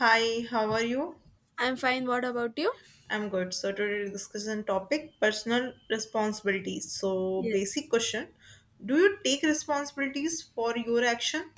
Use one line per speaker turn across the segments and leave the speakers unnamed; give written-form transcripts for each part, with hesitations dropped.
Hi, how are you?
I'm fine. What about you?
I'm good. So today we're discussing topic personal responsibilities. So
Yes.
basic question, do you take responsibilities for your action?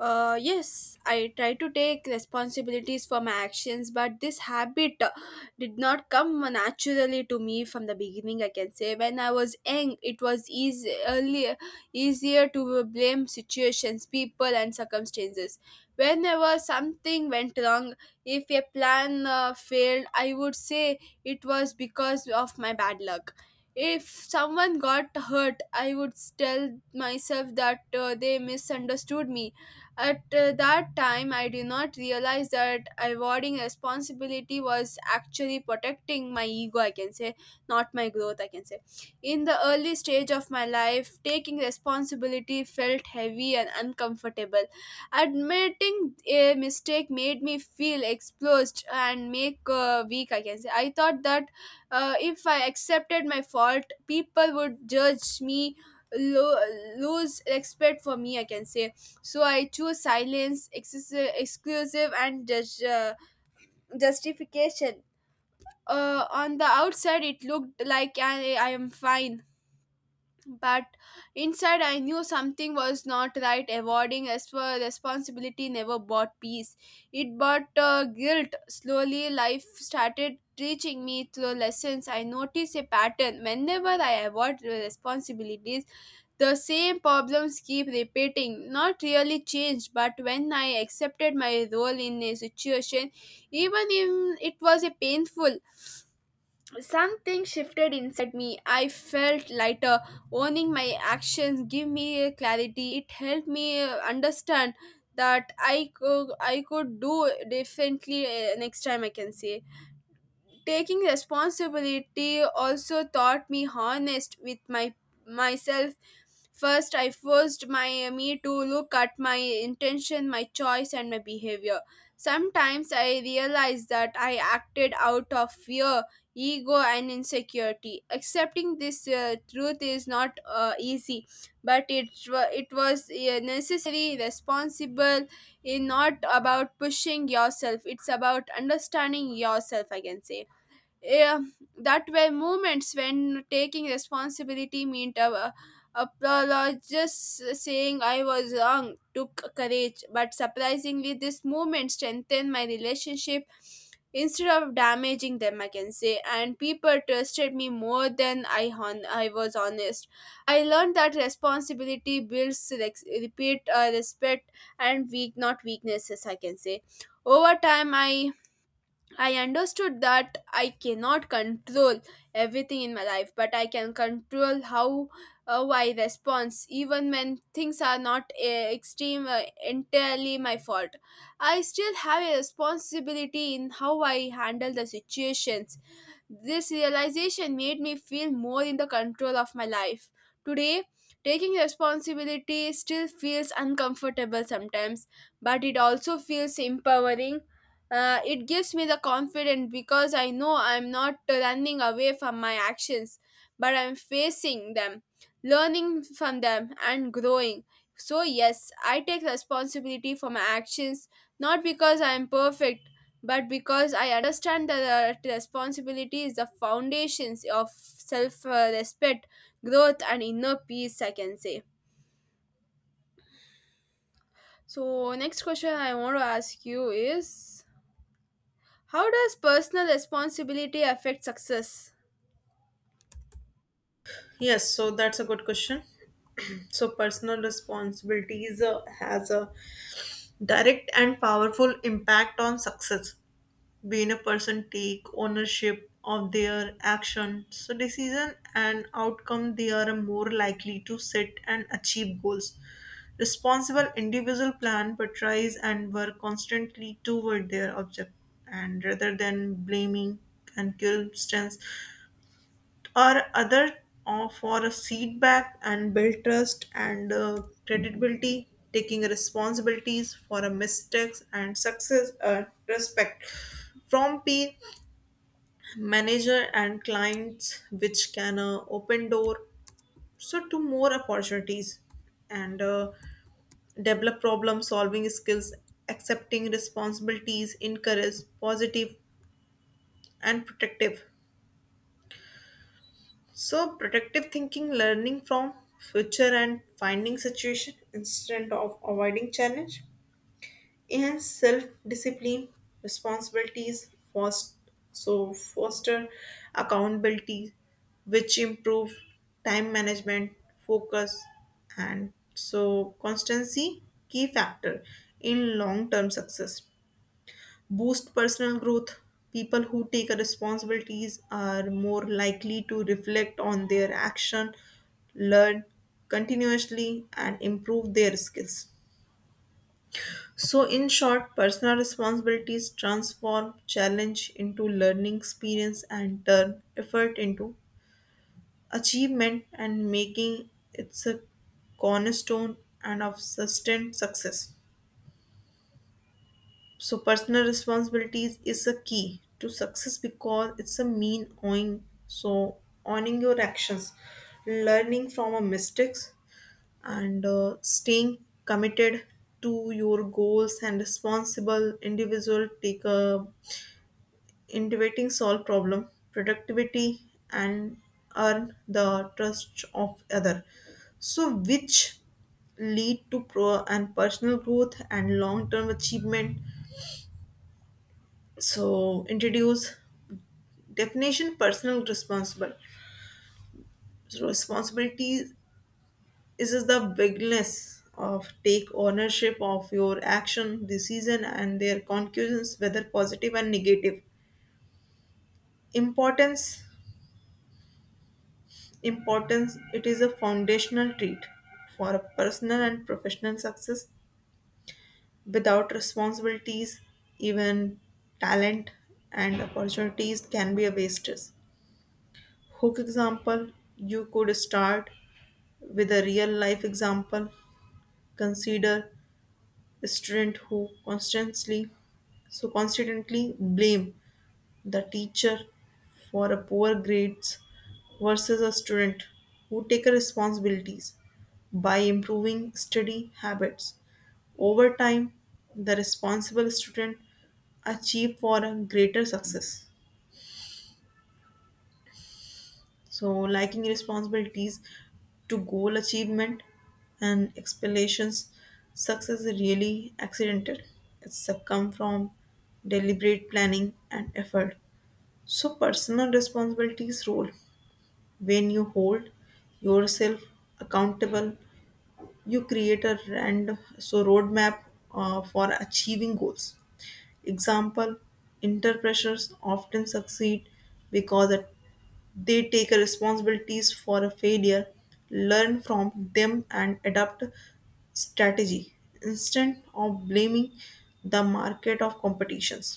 Yes, I try to take responsibilities for my actions, but this habit did not come naturally to me from the beginning, I can say. When I was young, it was easier to blame situations, people, and circumstances. Whenever something went wrong, if a plan failed, I would say it was because of my bad luck. If someone got hurt, I would tell myself that they misunderstood me at that time. I did not realize that avoiding responsibility was actually protecting my ego, I can say, not my growth, I can say. In the early stage of my life, taking responsibility felt heavy and uncomfortable. Admitting a mistake made me feel exposed and make weak, I can say. I thought that if I accepted my fault, people would judge me, lose respect for me, I can say. So I choose silence, exclusive and just, justification. On the outside it looked like I am fine, but inside I knew something was not right. Avoiding as for responsibility never bought peace, it bought guilt. Slowly life started teaching me through lessons. I noticed a pattern: whenever I avoid responsibilities, the same problems keep repeating, not really changed. But when I accepted my role in a situation, even if it was a painful, something shifted inside me. I felt lighter. Owning my actions gave me a clarity. It helped me understand that I could do differently next time, I can say. Taking responsibility also taught me honest with my myself. First I forced my me to look at my intention, my choice, and my behavior. Sometimes I realized that I acted out of fear, ego, and insecurity. Accepting this truth is not easy, but it was necessary. Responsible in not about pushing yourself, it's about understanding yourself, I can say. eh, that were moments when taking responsibility meant apologist. Saying I was wrong took courage, but surprisingly, this moment strengthened my relationship instead of damaging them, I can say. And people trusted me more than I was honest. I learned that responsibility builds rex- repeat respect and weak, not weaknesses, I can say. Over time, I understood that I cannot control everything in my life, but I can control how I respond, even when things are not entirely my fault. I still have a responsibility in how I handle the situations. This realization made me feel more in the control of my life. Today, taking responsibility still feels uncomfortable sometimes, but it also feels empowering. It gives me the confidence because I know I'm not running away from my actions, but I'm facing them, learning from them, and growing. So, yes, I take responsibility for my actions not because I'm perfect, but because I understand that the responsibility is the foundations of self respect, growth, and inner peace, I can say. So, next question I want to ask you is, how does personal responsibility affect success?
Yes, so that's a good question. So personal responsibilities has a direct and powerful impact on success, being a person take ownership of their action, so decision and outcome they are more likely to set and achieve goals. Responsible individual plan but tries and work constantly toward their object, and rather than blaming and circumstance or other or for a feedback, and build trust and credibility taking responsibilities for a mistakes and success, respect from pain manager and clients, which can open door so to more opportunities. And develop problem solving skills, accepting responsibilities encourage positive and protective, so protective thinking, learning from future and finding situation instead of avoiding challenge. And self-discipline, responsibilities foster accountability, which improve time management, focus, and so constancy, key factor in long-term success. Boost personal growth, people who take responsibilities are more likely to reflect on their action, learn continuously and improve their skills. So, in short, personal responsibilities transform challenge into learning experience and turn effort into achievement and making it's a cornerstone and of sustained success. So, personal responsibilities is a key to success because it's a mean owing. So, owning your actions, learning from our mistakes, and staying committed to your goals, and responsible individual take a innovating solve problem productivity and earn the trust of other, so which lead to pro and personal growth and long term achievement. So introduce definition personal responsible, so responsibility is the bigness of take ownership of your action decision and their conclusions, whether positive and negative. importance Importance, it is a foundational trait for a personal and professional success. Without responsibilities, even talent and opportunities can be a wastage. Hook example, you could start with a real life example. Consider a student who constantly blame the teacher for a poor grades versus a student who take a responsibilities by improving study habits over time. The responsible student achieve for a greater success. So lacking responsibilities to goal achievement and explanations, success is really accidental, it's a come from deliberate planning and effort. So personal responsibilities role. When you hold yourself accountable, you create a random so roadmap for achieving goals. Example: Inter often succeed because they take a responsibilities for a failure, learn from them, and adapt strategy instead of blaming the market of competitions.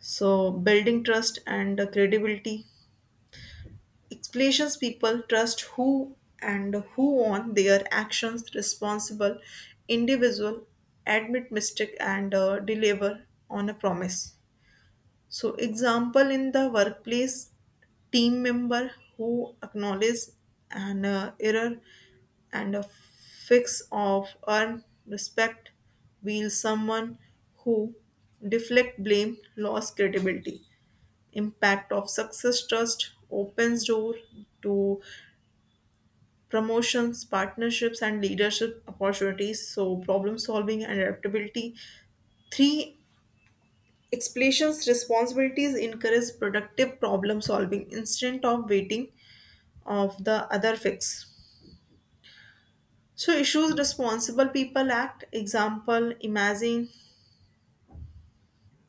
So, building trust and credibility explanations, people trust who and who on their actions, responsible individual admit mistake and deliver on a promise. So example in the workplace, team member who acknowledge an error and a fix of earn respect, while someone who deflect blame lost credibility. Impact of success, trust opens door to promotions, partnerships and leadership opportunities. So problem solving and adaptability, three explanations, responsibilities encourage productive problem solving instead of waiting of the other fix. So issues responsible people act. Example, imagine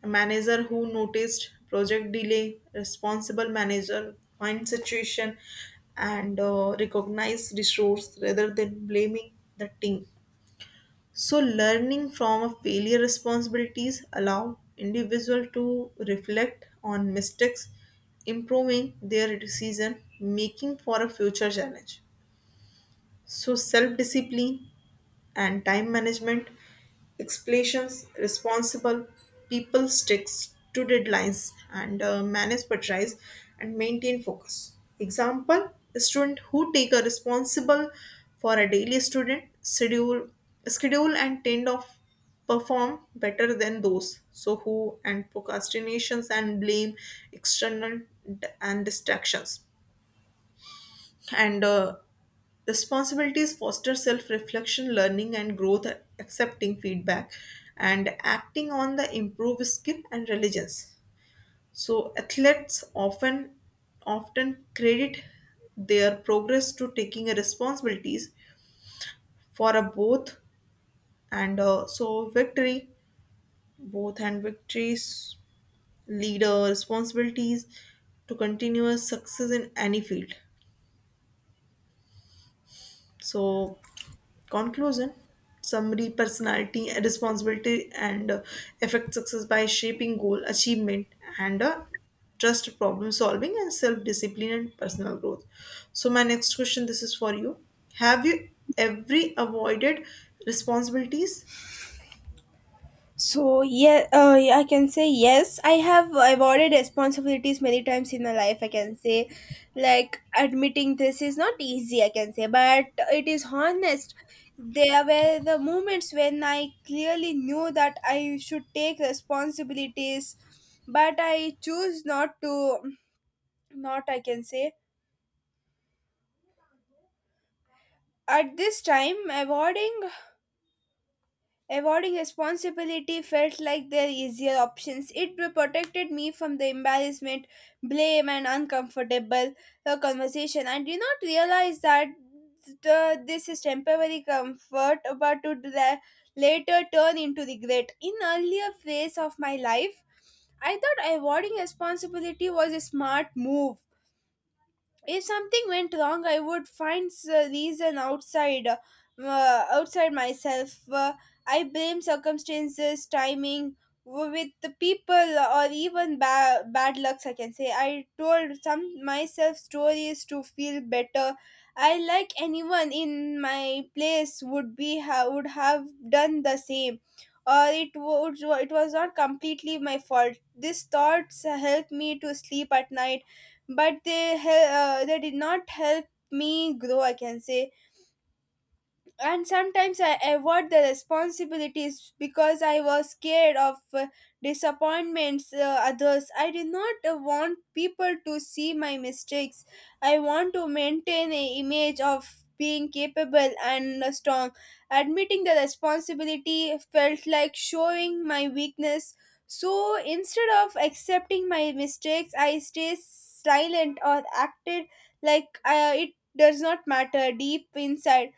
a manager who noticed project delay, responsible manager find situation and recognize resource rather than blaming the team. So learning from a failure, responsibilities allow individual to reflect on mistakes, improving their decision making for a future challenge. So self discipline and time management explanations, responsible people sticks to deadlines and manage, prioritize and maintain focus. Example, a student who take a responsible for a daily student schedule and tend of perform better than those so who and procrastinations and blame external and distractions. And responsibilities foster self-reflection, learning and growth, accepting feedback and acting on the improved skill and religions. So athletes often credit their progress to taking a responsibilities for a both and so victory, both and victories, leader responsibilities to continuous success in any field. So conclusion, summary. Personality, responsibility, and affect success by shaping goal, achievement, and trust, problem solving, and self discipline and personal growth. So, my next question, this is for you. Have you every avoided responsibilities?
So I can say yes, I have avoided responsibilities many times in my life, I can say. Like admitting this is not easy, I can say, but it is honest. There were the moments when I clearly knew that I should take responsibilities, but I choose not to. Not I can say at this time Avoiding responsibility felt like their easier options. It protected me from the embarrassment, blame, and uncomfortable conversation. I did not realize that this is temporary comfort, but later turn into regret. In earlier phase of my life, I thought avoiding responsibility was a smart move. If something went wrong, I would find a reason outside outside myself. I blame circumstances, timing, with the people, or even bad lucks, I can say. I told some myself stories to feel better. I like anyone in my place would have done the same, or it would, it was not completely my fault. These thoughts help me to sleep at night, but they did not help me grow, I can say. And sometimes I avoid the responsibilities because I was scared of disappointments others. I did not want people to see my mistakes. I want to maintain an image of being capable and strong. Admitting the responsibility felt like showing my weakness. So instead of accepting my mistakes, I stay silent or acted like it does not matter. Deep inside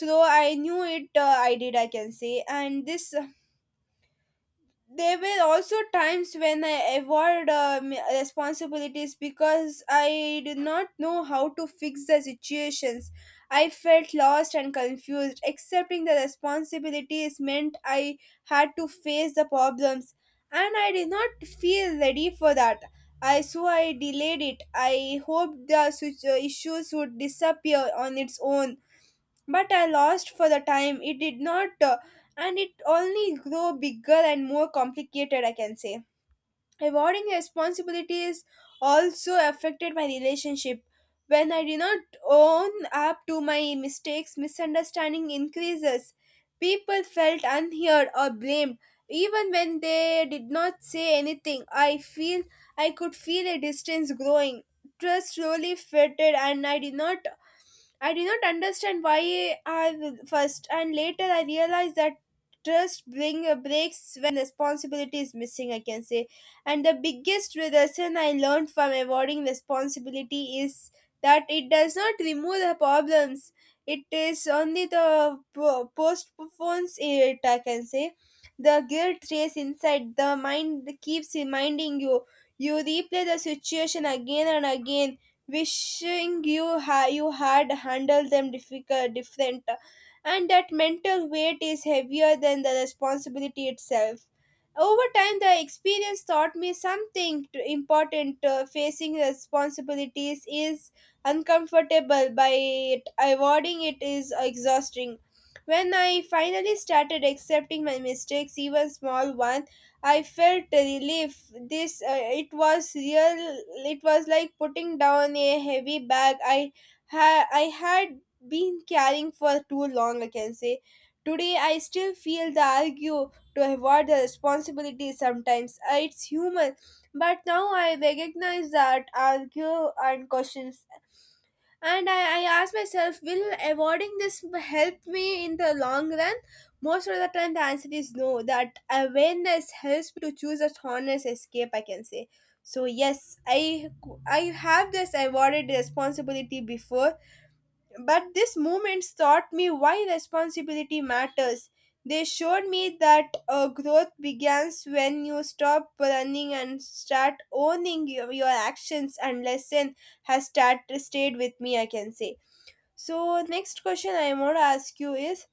though, I knew it, I did, I can say. And this, there were also times when I avoid responsibilities because I did not know how to fix the situations. I felt lost and confused. Accepting the responsibilities meant I had to face the problems, and I did not feel ready for that. I so I delayed it. I hoped the issues would disappear on its own, but I lost for the time. It did not, and it only grew bigger and more complicated, I can say. Avoiding responsibilities also affected my relationship. When I did not own up to my mistakes, misunderstanding increases. People felt unheard or blamed. Even when they did not say anything, I could feel a distance growing. Trust slowly faded, and I did not understand why I first, and later I realized that trust bring breaks when responsibility is missing, I can say. And the biggest lesson I learned from avoiding responsibility is that it does not remove the problems. It is only the postpones it, I can say. The guilt stays inside, the mind keeps reminding you. You replay the situation again and again, wishing you had handled them difficult different. And that mental weight is heavier than the responsibility itself. Over time the experience taught me something important. Facing responsibilities is uncomfortable by it, avoiding it is exhausting. When I finally started accepting my mistakes, even small ones, I felt relief. This it was real. It was like putting down a heavy bag I had been carrying for too long, I can say. Today I still feel the argue to avoid the responsibility sometimes. It's human, but now I recognize that argue and questions, and I asked myself, will avoiding this help me in the long run? Most of the time the answer is no. That awareness helps me to choose a honest escape, I can say. So yes, I have this avoided responsibility before, but these moments taught me why responsibility matters. They showed me that growth begins when you stop running and start owning your actions, and lesson stayed with me, I can say. So next question I want to ask you is,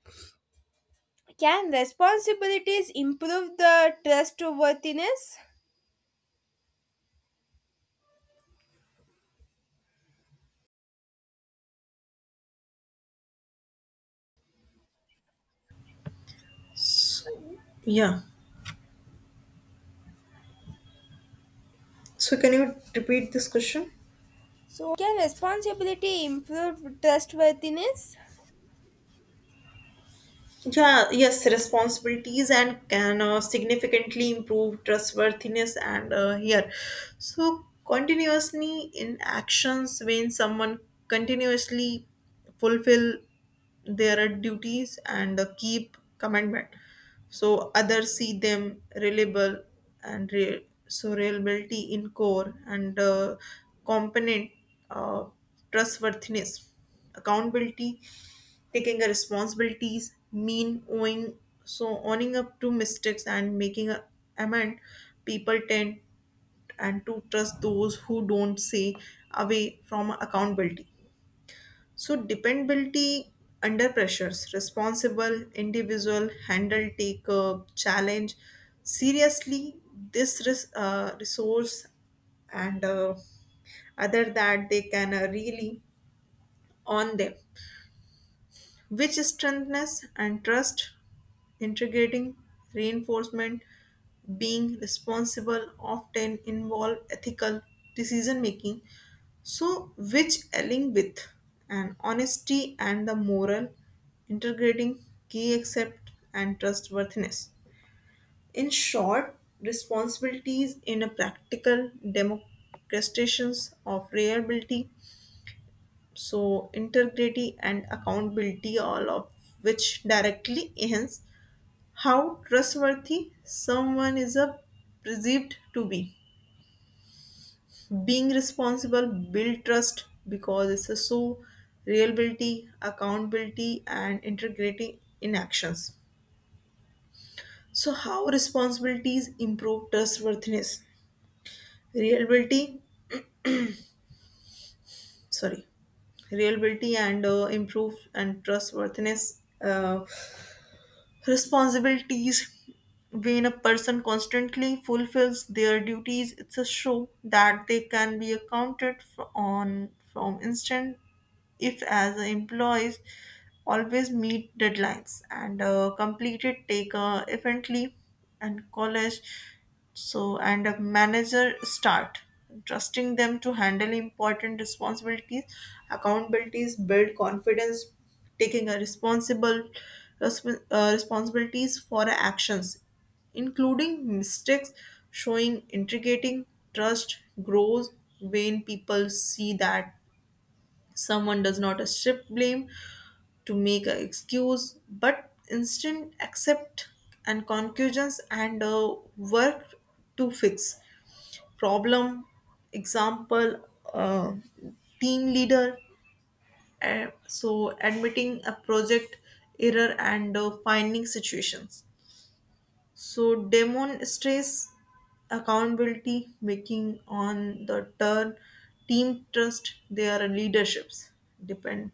can responsibilities improve the trustworthiness?
So, yeah. So, can you repeat this question?
So can responsibility improve trustworthiness?
Yeah, yes, responsibilities and can significantly improve trustworthiness, and here. So, continuously in actions, when someone continuously fulfill their duties and keep commandment. So others see them reliable, and reliability in core and component, uh, trustworthiness, accountability, taking a responsibilities, mean owing, so owning up to mistakes and making a amend. People tend and to trust those who don't say away from accountability. So dependability under pressures, responsible, individual, handle, take up, challenge. Seriously, this resource and other that they can really on them, which strengthness and trust, integrating, reinforcement, being responsible often involve ethical decision making, so which align with an honesty and the moral, integrating key accept and trustworthiness. In short, responsibilities in a practical demonstrations of reliability, so integrity and accountability, all of which directly enhance how trustworthy someone is a perceived to be. Being responsible build trust because it's a so reliability, accountability and integrating in actions. So how responsibilities improve trustworthiness? Reliability, sorry, reliability and improve and trustworthiness, responsibilities. When a person constantly fulfills their duties, it's a show that they can be accounted for on from instant. If as the employees always meet deadlines and completed take efficiently and college, so and a manager start trusting them to handle important responsibilities. Accountabilities build confidence, taking a responsibilities for actions, including mistakes, showing integrating. Trust grows when people see that someone does not strip blame to make an excuse, but instant accept and conclusions and work to fix problem. Example, uh, team leader, uh, so admitting a project error and finding situations. So demonstrates accountability, making on the turn team trust their leaderships depend.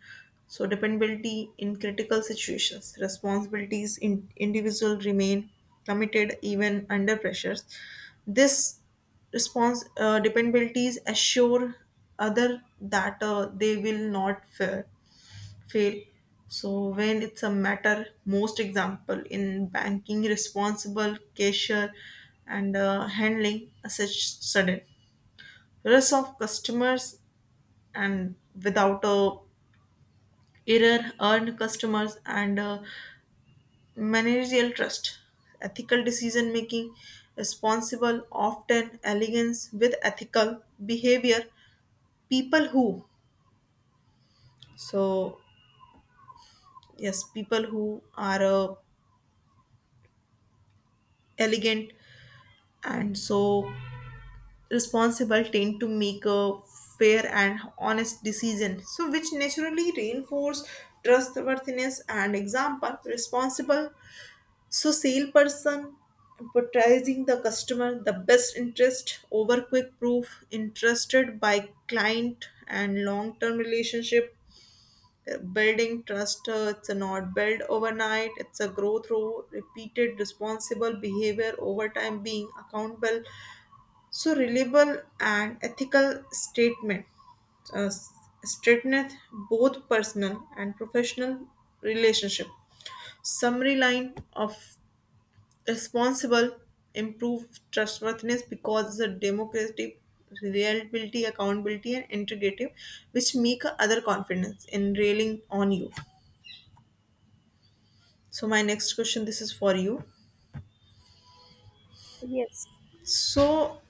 So dependability in critical situations, responsibilities in individual remain committed even under pressures. This response dependabilities assure other that they will not fail. So when it's a matter, most example in banking, responsible cashier and handling such sudden risk of customers and without a error earned customers and managerial trust, ethical decision making, responsible often elegance with ethical behavior. People who so Yes, people who are elegant and so responsible tend to make a fair and honest decision, so which naturally reinforce trustworthiness. And example, responsible so salesperson prioritizing the customer the best interest over quick proof interested by client and long-term relationship. Building trust, it's a not build overnight, it's a growth through repeated responsible behavior over time being accountable, so reliable and ethical statement, uh, statement both personal and professional relationship. Summary line of responsible improve trustworthiness because the democratic reliability, accountability, and integrative, which make other confidence in railing on you. So my next question, this is for you.
Yes.
So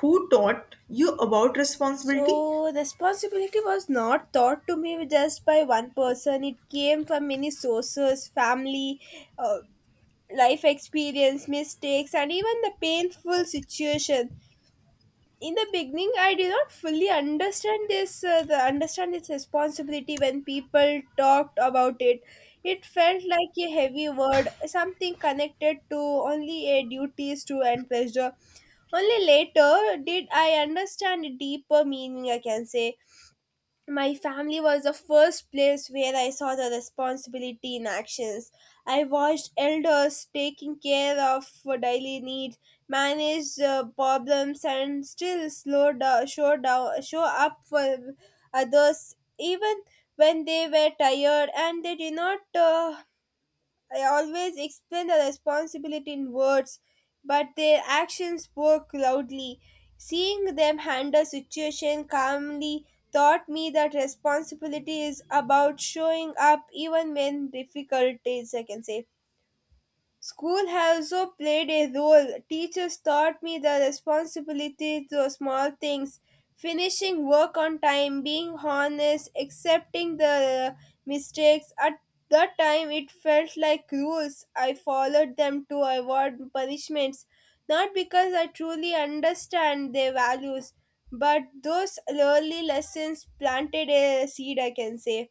who taught you about responsibility?
So responsibility was not taught to me just by one person. It came from many sources: family, uh, life experience, mistakes, and even the painful situation. In the beginning, I did not fully understand this responsibility when people talked about it. It felt like a heavy word, something connected to only a duties to and pressure. Only later did I understand a deeper meaning, I can say. My family was the first place where I saw the responsibility in actions. I watched elders taking care of for daily needs, managed problems, and still slow down, show up for others, even when they were tired and they did not I always explain the responsibility in words, but their actions spoke loudly. Seeing them handle situation calmly taught me that responsibility is about showing up even when difficult days, I can say. School has also played a role. Teachers taught me the responsibility to small things: finishing work on time, being honest, accepting the mistakes. At that time, it felt like rules. I followed them to avoid punishments, not because I truly understand their values, but those early lessons planted a seed, I can say.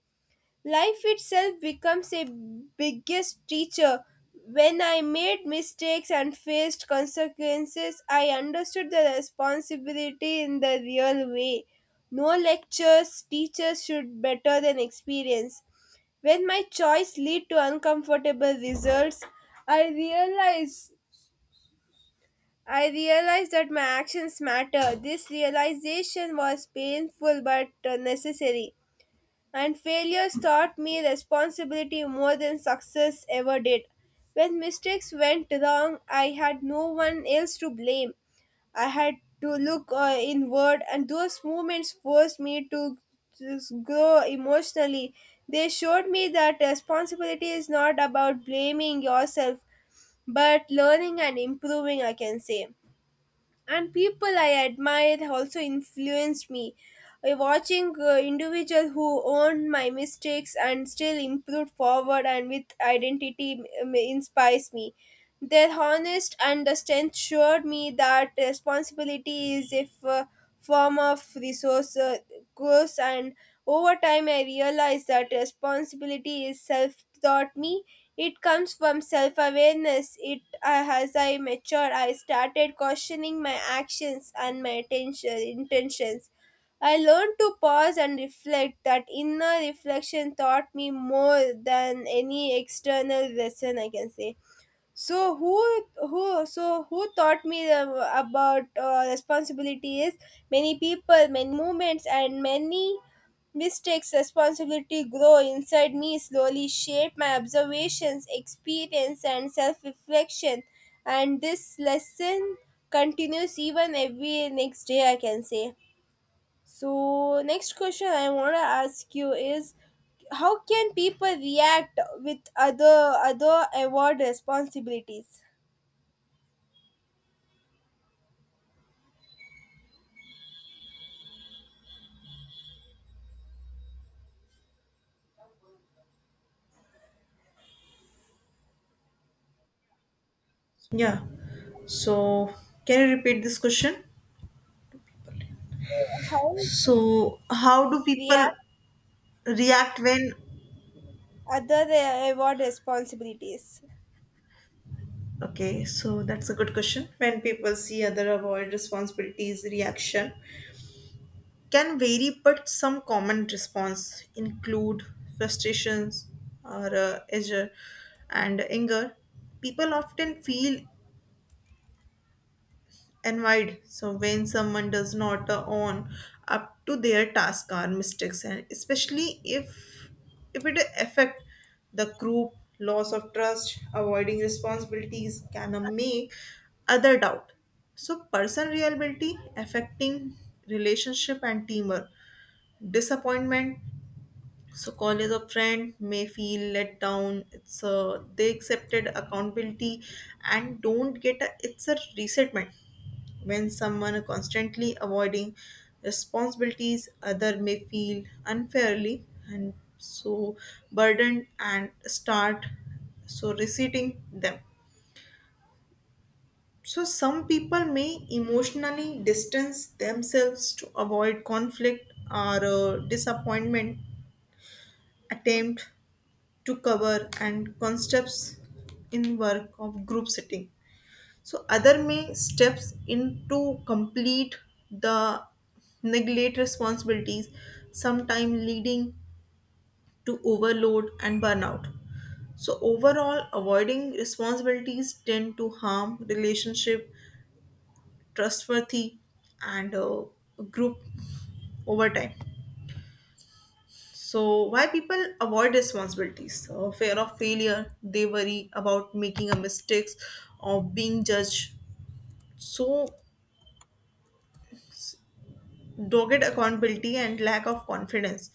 Life itself becomes a biggest teacher. When I made mistakes and faced consequences, I understood the responsibility in the real way. No lectures, teachers should better than experience. When my choice lead to uncomfortable results, I realized I realized that my actions matter. This realization was painful but necessary. And failures taught me responsibility more than success ever did. When mistakes went wrong, I had no one else to blame. I had to look inward, and those moments forced me to just grow emotionally. They showed me that responsibility is not about blaming yourself, but learning and improving, I can say. And people I admired also influenced me. Watching individuals who owned my mistakes and still improved forward and with identity inspires me. Their honest and the strength showed me that responsibility is a form of resource growth, and over time I realized that responsibility is self taught me, it comes from self awareness. It As I matured, I started questioning my actions and my intentions. I learned to pause and reflect. That inner reflection taught me more than any external lesson, I can say. So who taught me about responsibility is many people, many movements, and many mistakes. Responsibility grow inside me slowly, shape my observations, experience, and self-reflection. And this lesson continues even every next day, I can say. So next question I want to ask you is, how can people react with other award responsibilities?
Yeah. So, can you repeat this question?
How
So, how do
we have
people react when?
other award responsibilities.
Okay, so that's a good question. When people see other avoid responsibilities, reaction can vary, but some common response include frustrations or anger. People often feel and wide. So when someone does not own up to their task or mistakes, and especially if it affect the group, loss of trust, avoiding responsibilities can make other doubt. So person reliability affecting relationship and teamwork. Disappointment, so college a friend may feel let down, it's they accepted accountability and don't get a, it's a resentment. When someone constantly avoiding responsibilities, other may feel unfairly and so burdened and start so resenting them. So some people may emotionally distance themselves to avoid conflict or disappointment, attempt to cover and concepts in work of group setting. So other may steps in to complete the neglect responsibilities, sometimes leading to overload and burnout. So overall avoiding responsibilities tend to harm relationship, trustworthy, and group over time. So, why people avoid responsibilities? Fear of failure, they worry about making a mistakes or being judged. So, dogged accountability and lack of confidence.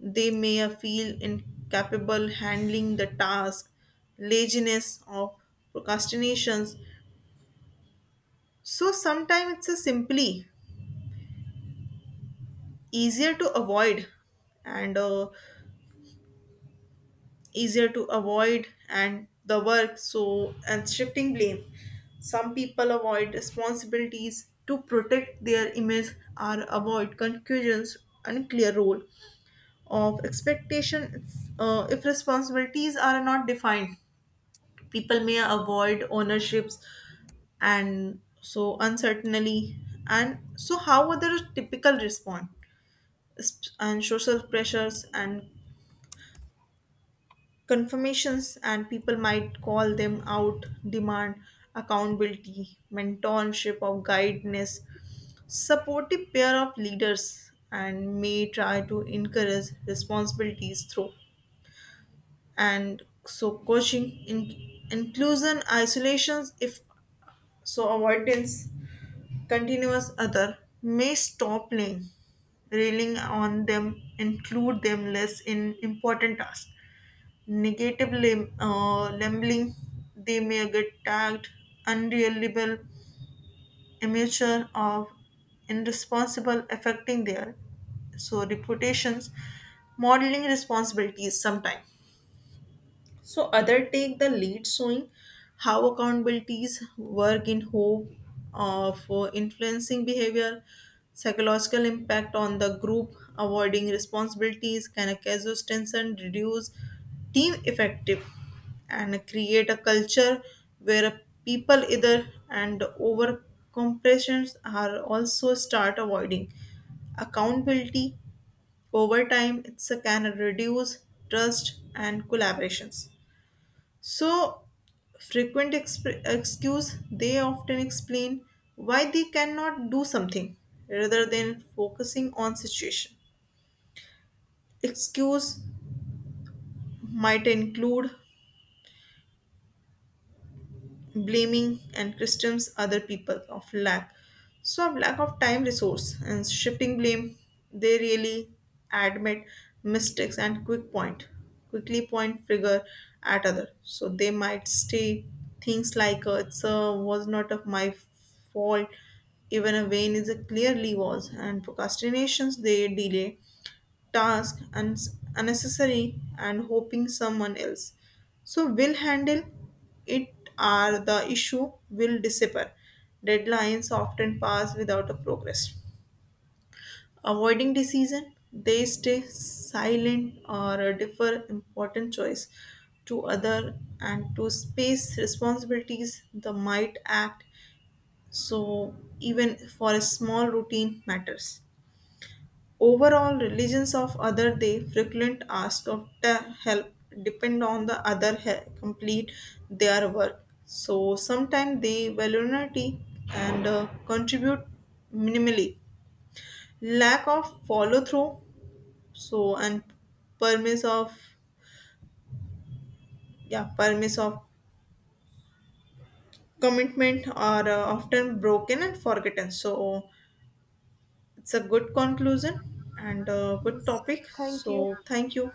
They may feel incapable handling the task, laziness or procrastinations. So, sometimes it's a simply easier to avoid and the work, so and shifting blame, some people avoid responsibilities to protect their image or avoid confusions and clear role of expectation. If responsibilities are not defined, people may avoid ownerships and so uncertainty. And so how others typical respond? And social pressures and confirmations, and people might call them out demand accountability, mentorship or guidance, supportive pair of leaders and may try to encourage responsibilities through and so coaching in, inclusion isolations. If so avoidance continuous, other may stop playing, railing on them, include them less in important tasks. Negative labeling, they may get tagged unreliable, immature, or irresponsible, affecting their so reputations, modeling responsibilities sometimes. So other take the lead showing how accountabilities work in hope of influencing behavior, psychological impact on the group, avoiding responsibilities can cause tension, reduce team effective and create a culture where people either and over compressions are also start avoiding accountability over time, it's a can reduce trust and collaborations. So, frequent excuse, they often explain why they cannot do something rather than focusing on situation. Excuse might include blaming and Christians other people of lack, so of lack of time, resource, and shifting blame, they really admit mistakes and quickly point figure at other. So they might say things like "It's was not of my fault," even a vein is a clearly was. And procrastinations, they delay task and unnecessary and hoping someone else so will handle it are the issue will disappear, deadlines often pass without a progress, avoiding decision, they stay silent or defer important choice to other, and to space responsibilities the might act so even for a small routine matters. Overall, religions of other, they frequent ask of the help, depend on the other complete their work. So sometimes they voluntarily and contribute minimally. Lack of follow through, so and permiss of yeah permiss of commitment are often broken and forgotten. So it's a good conclusion and a good
Yes.
topic.
Thank you.
So thank you.